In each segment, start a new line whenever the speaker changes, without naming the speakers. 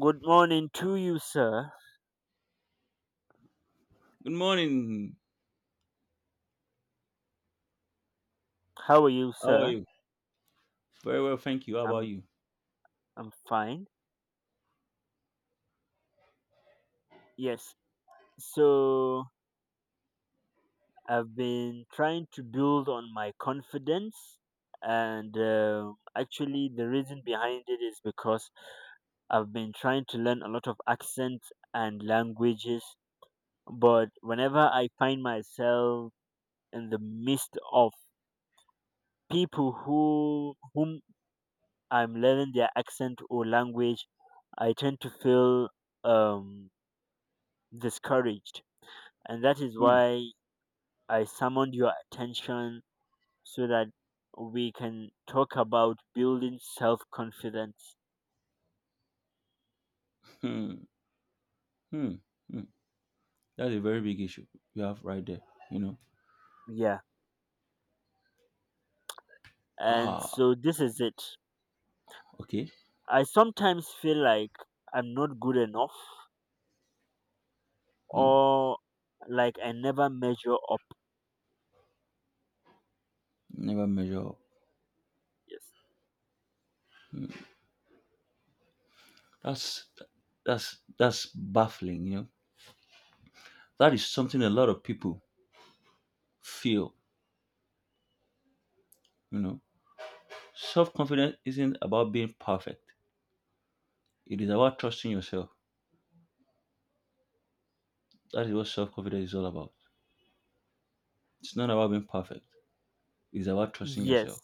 Good morning to you, sir.
Good morning.
How are you,
How are
sir?
you? Very well, thank you. How about
I'm
you?
I'm fine. Yes. So I've been trying to build on my confidence, and actually, the reason behind it is because I've been trying to learn a lot of accents and languages. But whenever I find myself in the midst of people whom I'm learning their accent or language, I tend to feel um discouraged. And that is
Hmm,
why I summoned your attention so that we can talk about building self confidence.
hmm, hmm, hmm. That's a very big issue you have right there. You know.
Yeah. And
Ah,
so this is it.
okay.
I sometimes feel like I'm not good enough
Hmm.
or like I never measure up.
Never measure up.
Yes.
That's that's baffling. That is something a lot of people feel. You know. Self confidence isn't about being perfect. It is about trusting yourself. That is what self confidence is all about. It's not about being perfect. It's about trusting yourself.
Yes.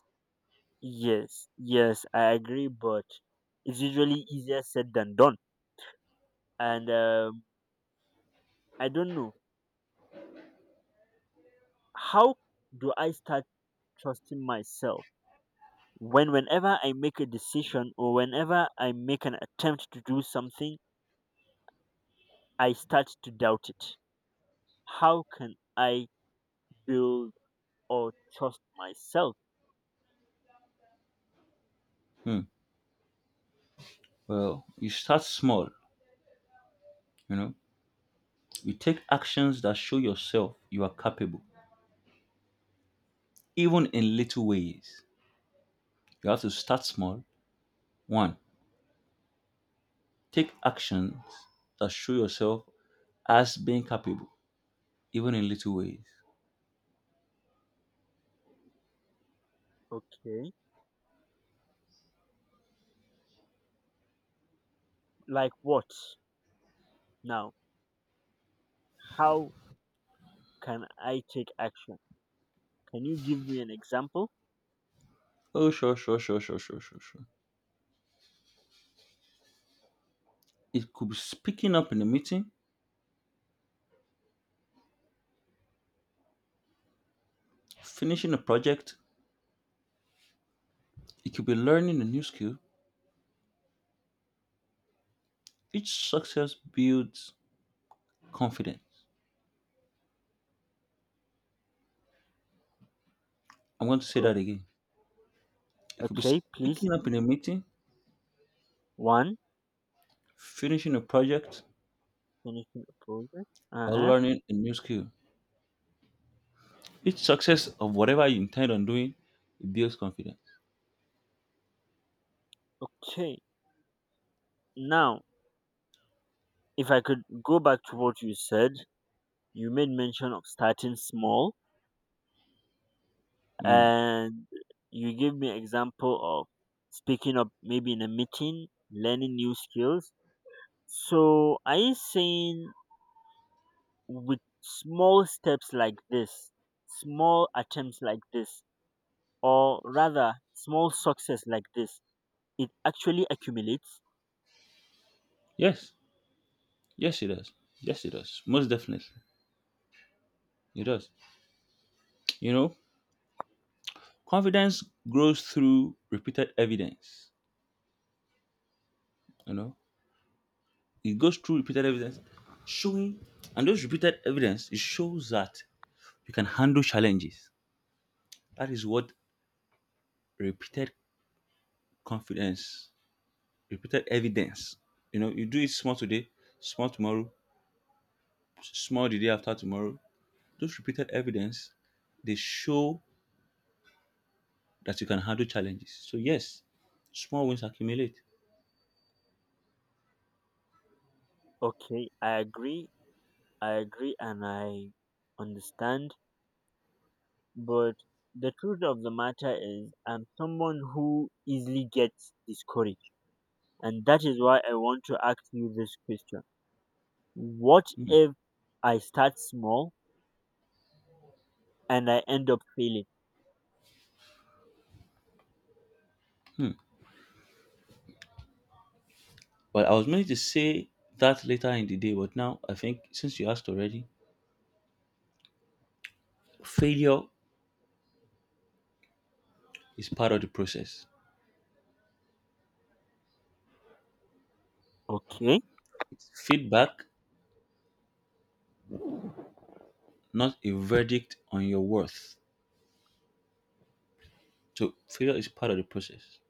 Yes. I agree, but it's usually easier said than done. And I don't know. How do I start trusting myself? Whenever I make a decision or whenever I make an attempt to do something, I start to doubt it. How can I build or trust myself?
Hmm. Well, you start small. You know You take actions that show yourself you are capable, even in little ways. You have to start small. One, take actions that show yourself as being capable, even in little ways.
Okay, like what now? How can I take action? Can you give me an example?
Oh, sure, sure, sure, sure, sure, sure, sure. It could be speaking up in a meeting, finishing a project, it could be learning a new skill. Each success builds confidence. I'm going to say
O-
that again. It could be
okay,
speaking
please.
up in a meeting,
One.
finishing a project,
Finishing a project,
or
uh-huh.
learning a new skill. Each success of whatever you intend on doing it builds confidence.
Okay, now if I could go back to what you said, you made mention of starting small,
Mm.
and you give me example of speaking up maybe in a meeting, learning new skills. So are you saying with small steps like this, small attempts like this, or rather small success like this, it actually accumulates?
Yes, yes, it does. Yes, it does. Most definitely, it does. You know, confidence grows through repeated evidence. You know, it goes through repeated evidence, showing, and those repeated evidence it shows that you can handle challenges. That is what repeated confidence, repeated evidence. You do it small today, small tomorrow, small the day after tomorrow. Those repeated evidence they show that you can handle challenges. So yes, small wins accumulate.
Okay, I agree. I agree, and I understand, but the truth of the matter is I'm someone who easily gets discouraged. And that is why I want to ask you this question. What if I start small and I end up failing?
But I was meaning to say that later in the day, but now I think since you asked already, failure is part of the process.
Okay,
Feedback, not a verdict on your worth. So failure is part of the process.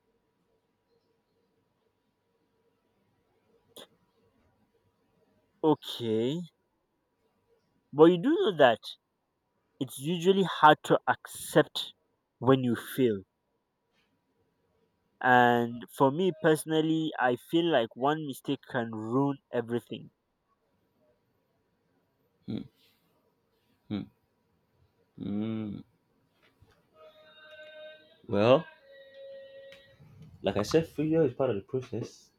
okay. But you do know that it's usually hard to accept when you fail. And for me personally, I feel like one mistake can ruin everything.
Well, like I said, failure is part of the process.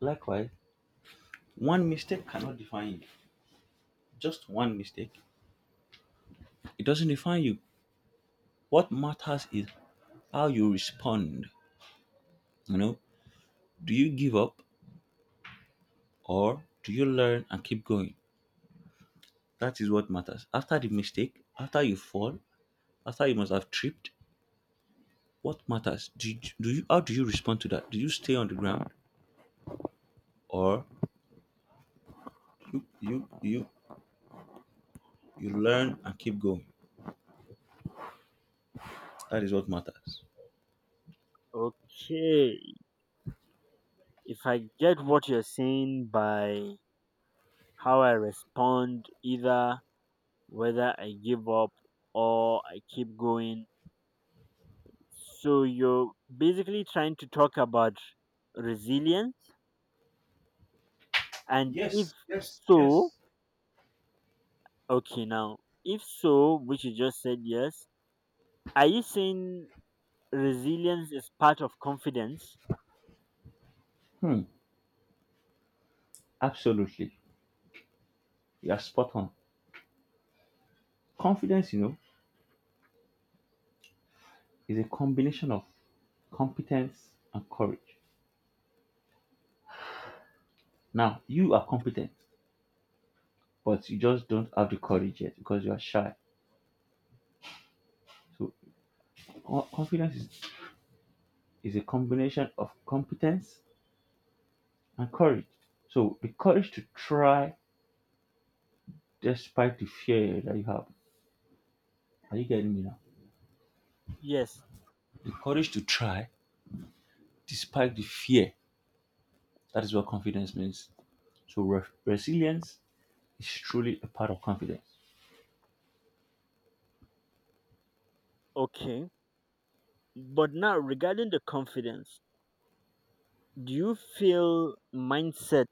Likewise, one mistake cannot define you. Just one mistake. It doesn't define you. What matters is how you respond. You know, Do you give up or do you learn and keep going? That is what matters. After the mistake, after you fall, after you must have tripped, what matters? Do you how do you respond to that? Do you stay on the ground or you you you you learn and keep going? That is what matters.
Okay, if I get what you're saying by how I respond, either whether I give up or I keep going, so you're basically trying to talk about resilience, and if
Yes, yes,
so,
yes.
okay, now if so, which you just said yes, are you saying resilience is part of confidence?
Hmm, absolutely. You are spot on. Confidence, is a combination of competence and courage. Now, you are competent, but you just don't have the courage yet because you are shy. So confidence is a combination of competence and courage. So the courage to try despite the fear that you have. Are you getting me now?
Yes,
The courage to try despite the fear. That is what confidence means. So resilience is truly a part of confidence.
okay. But now regarding the confidence, do you feel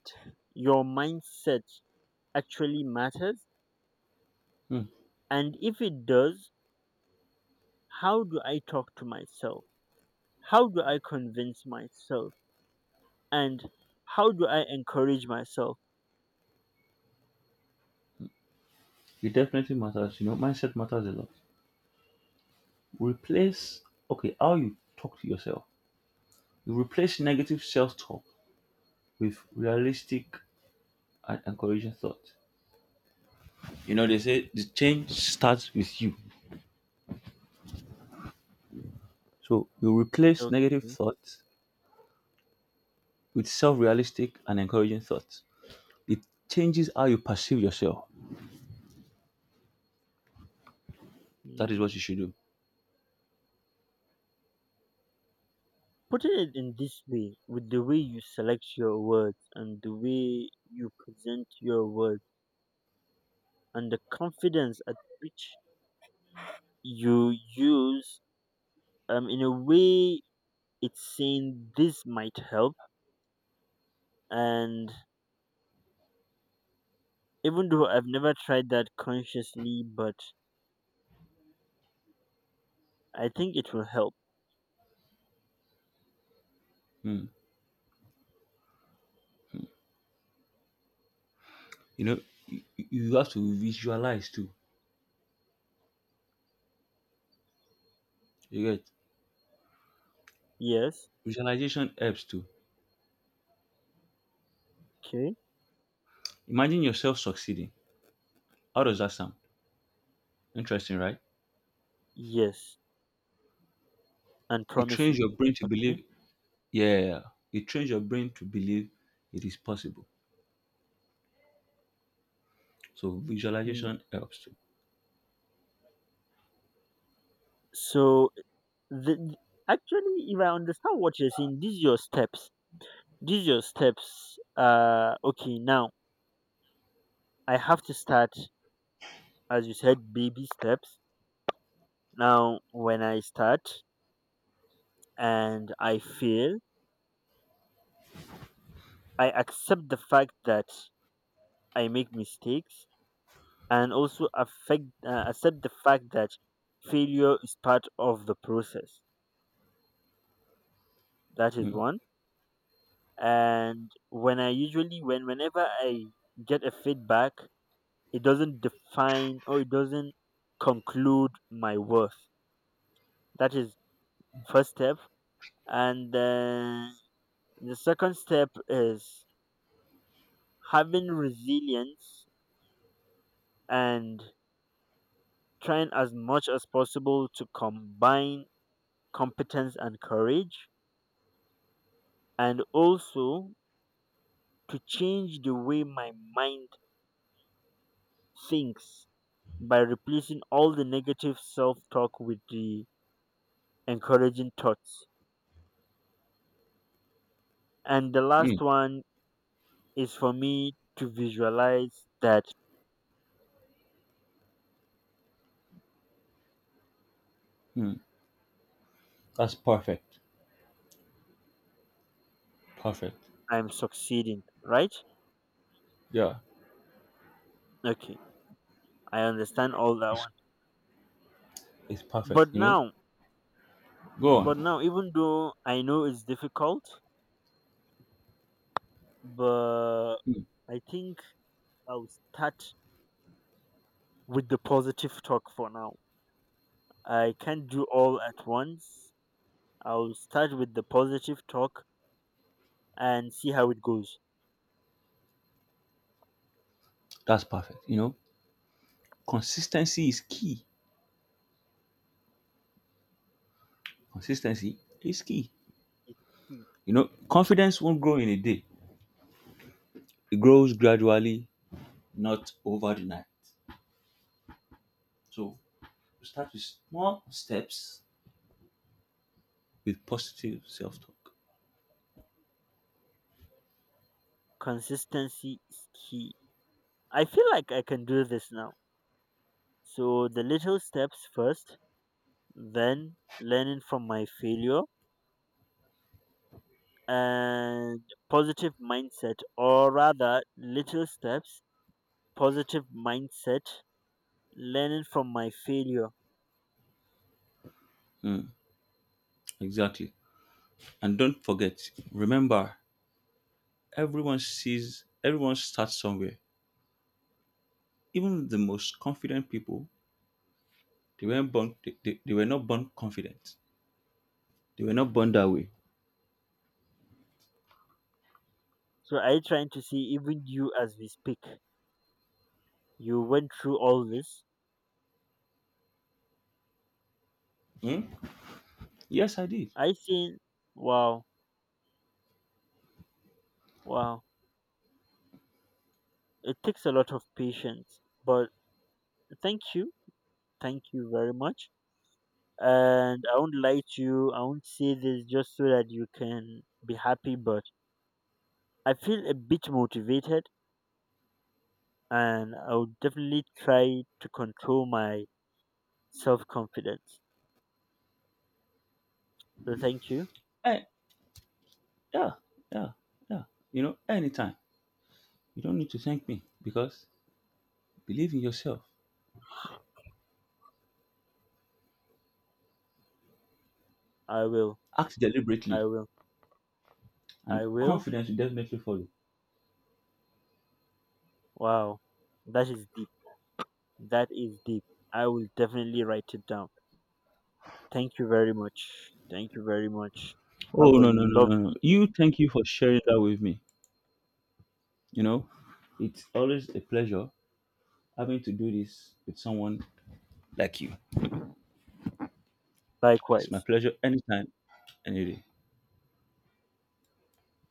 your mindset actually matters?
Hmm.
And if it does, how do I talk to myself? How do I convince myself? And how do I encourage myself?
It definitely matters. Mindset matters a lot. Replace, okay, how you talk to yourself. You replace negative self-talk with realistic and encouraging thought. They say the change starts with you. So you replace negative
Okay.
thoughts with self realistic and encouraging thoughts. It changes how you perceive yourself. That is
Mm.
what you should do.
Putting it in this way, with the way you select your words and the way you present your words and the confidence at which you use, in a way, it's saying this might help. And even though I've never tried that consciously, but I think it will help.
Hmm. You know, you have to visualize too. You get
Yes.
visualization helps too.
Okay.
Imagine yourself succeeding. How does that sound? Interesting, right?
Yes. And
It
promising.
trains your brain to
Okay.
believe, yeah, it trains your brain to believe it is possible. So
Mm.
visualization helps too.
So the, actually if I understand what you're saying, these your steps, okay, now I have to start, as you said, baby steps. Now when I start and I fail, I accept the fact that I make mistakes, and also affect accept the fact that failure is part of the process. That is one. And whenever I get a feedback, it doesn't define or it doesn't conclude my worth. That is first step. And then the second step is having resilience, and trying as much as possible to combine competence and courage, and also to change the way my mind thinks by replacing all the negative self talk with the encouraging thoughts. And the
Hmm.
last one is for me to visualize that
Hmm. That's perfect. Perfect.
I'm succeeding, right?
Yeah,
Okay, I understand all that one.
it's perfect.
But now,
Go
but
on.
now, even though I know it's difficult, but
Mm.
I think I'll start with the positive talk for now. I can't do all at once. I'll start with the positive talk and see how it goes.
That's perfect. Consistency is key. Consistency is key.
It's key.
Confidence won't grow in a day. It grows gradually, not over the night. So we start with small steps with positive self-talk.
Consistency is key. I feel like I can do this now. So the little steps first, then learning from my failure and positive mindset, or rather little steps, positive mindset, learning from my failure.
Exactly. And don't forget, remember, everyone starts somewhere. Even the most confident people, they were not born confident. They were not born that way.
So I trying to see even you as we speak, you went through all this.
Hmm? Yes, I did.
I see. Wow wow It takes a lot of patience, but thank you. Thank you very much. And I won't lie to you, I won't say this just so that you can be happy, but I feel a bit motivated, and I will definitely try to control my self confidence. So thank you.
Eh, yeah, yeah, yeah. Anytime. You don't need to thank me because believe in yourself.
I will.
Act
I
deliberately
will.
and
I will.
confidence will definitely follow.
Wow. That is deep. That is deep. I will definitely write it down. Thank you very much. Thank you very much. Have
Oh,
a
no, no, no, no, no.
lovely day.
You thank you for sharing that with me. You know, it's always a pleasure having to do this with someone like you. It's my
Likewise.
pleasure anytime, any day.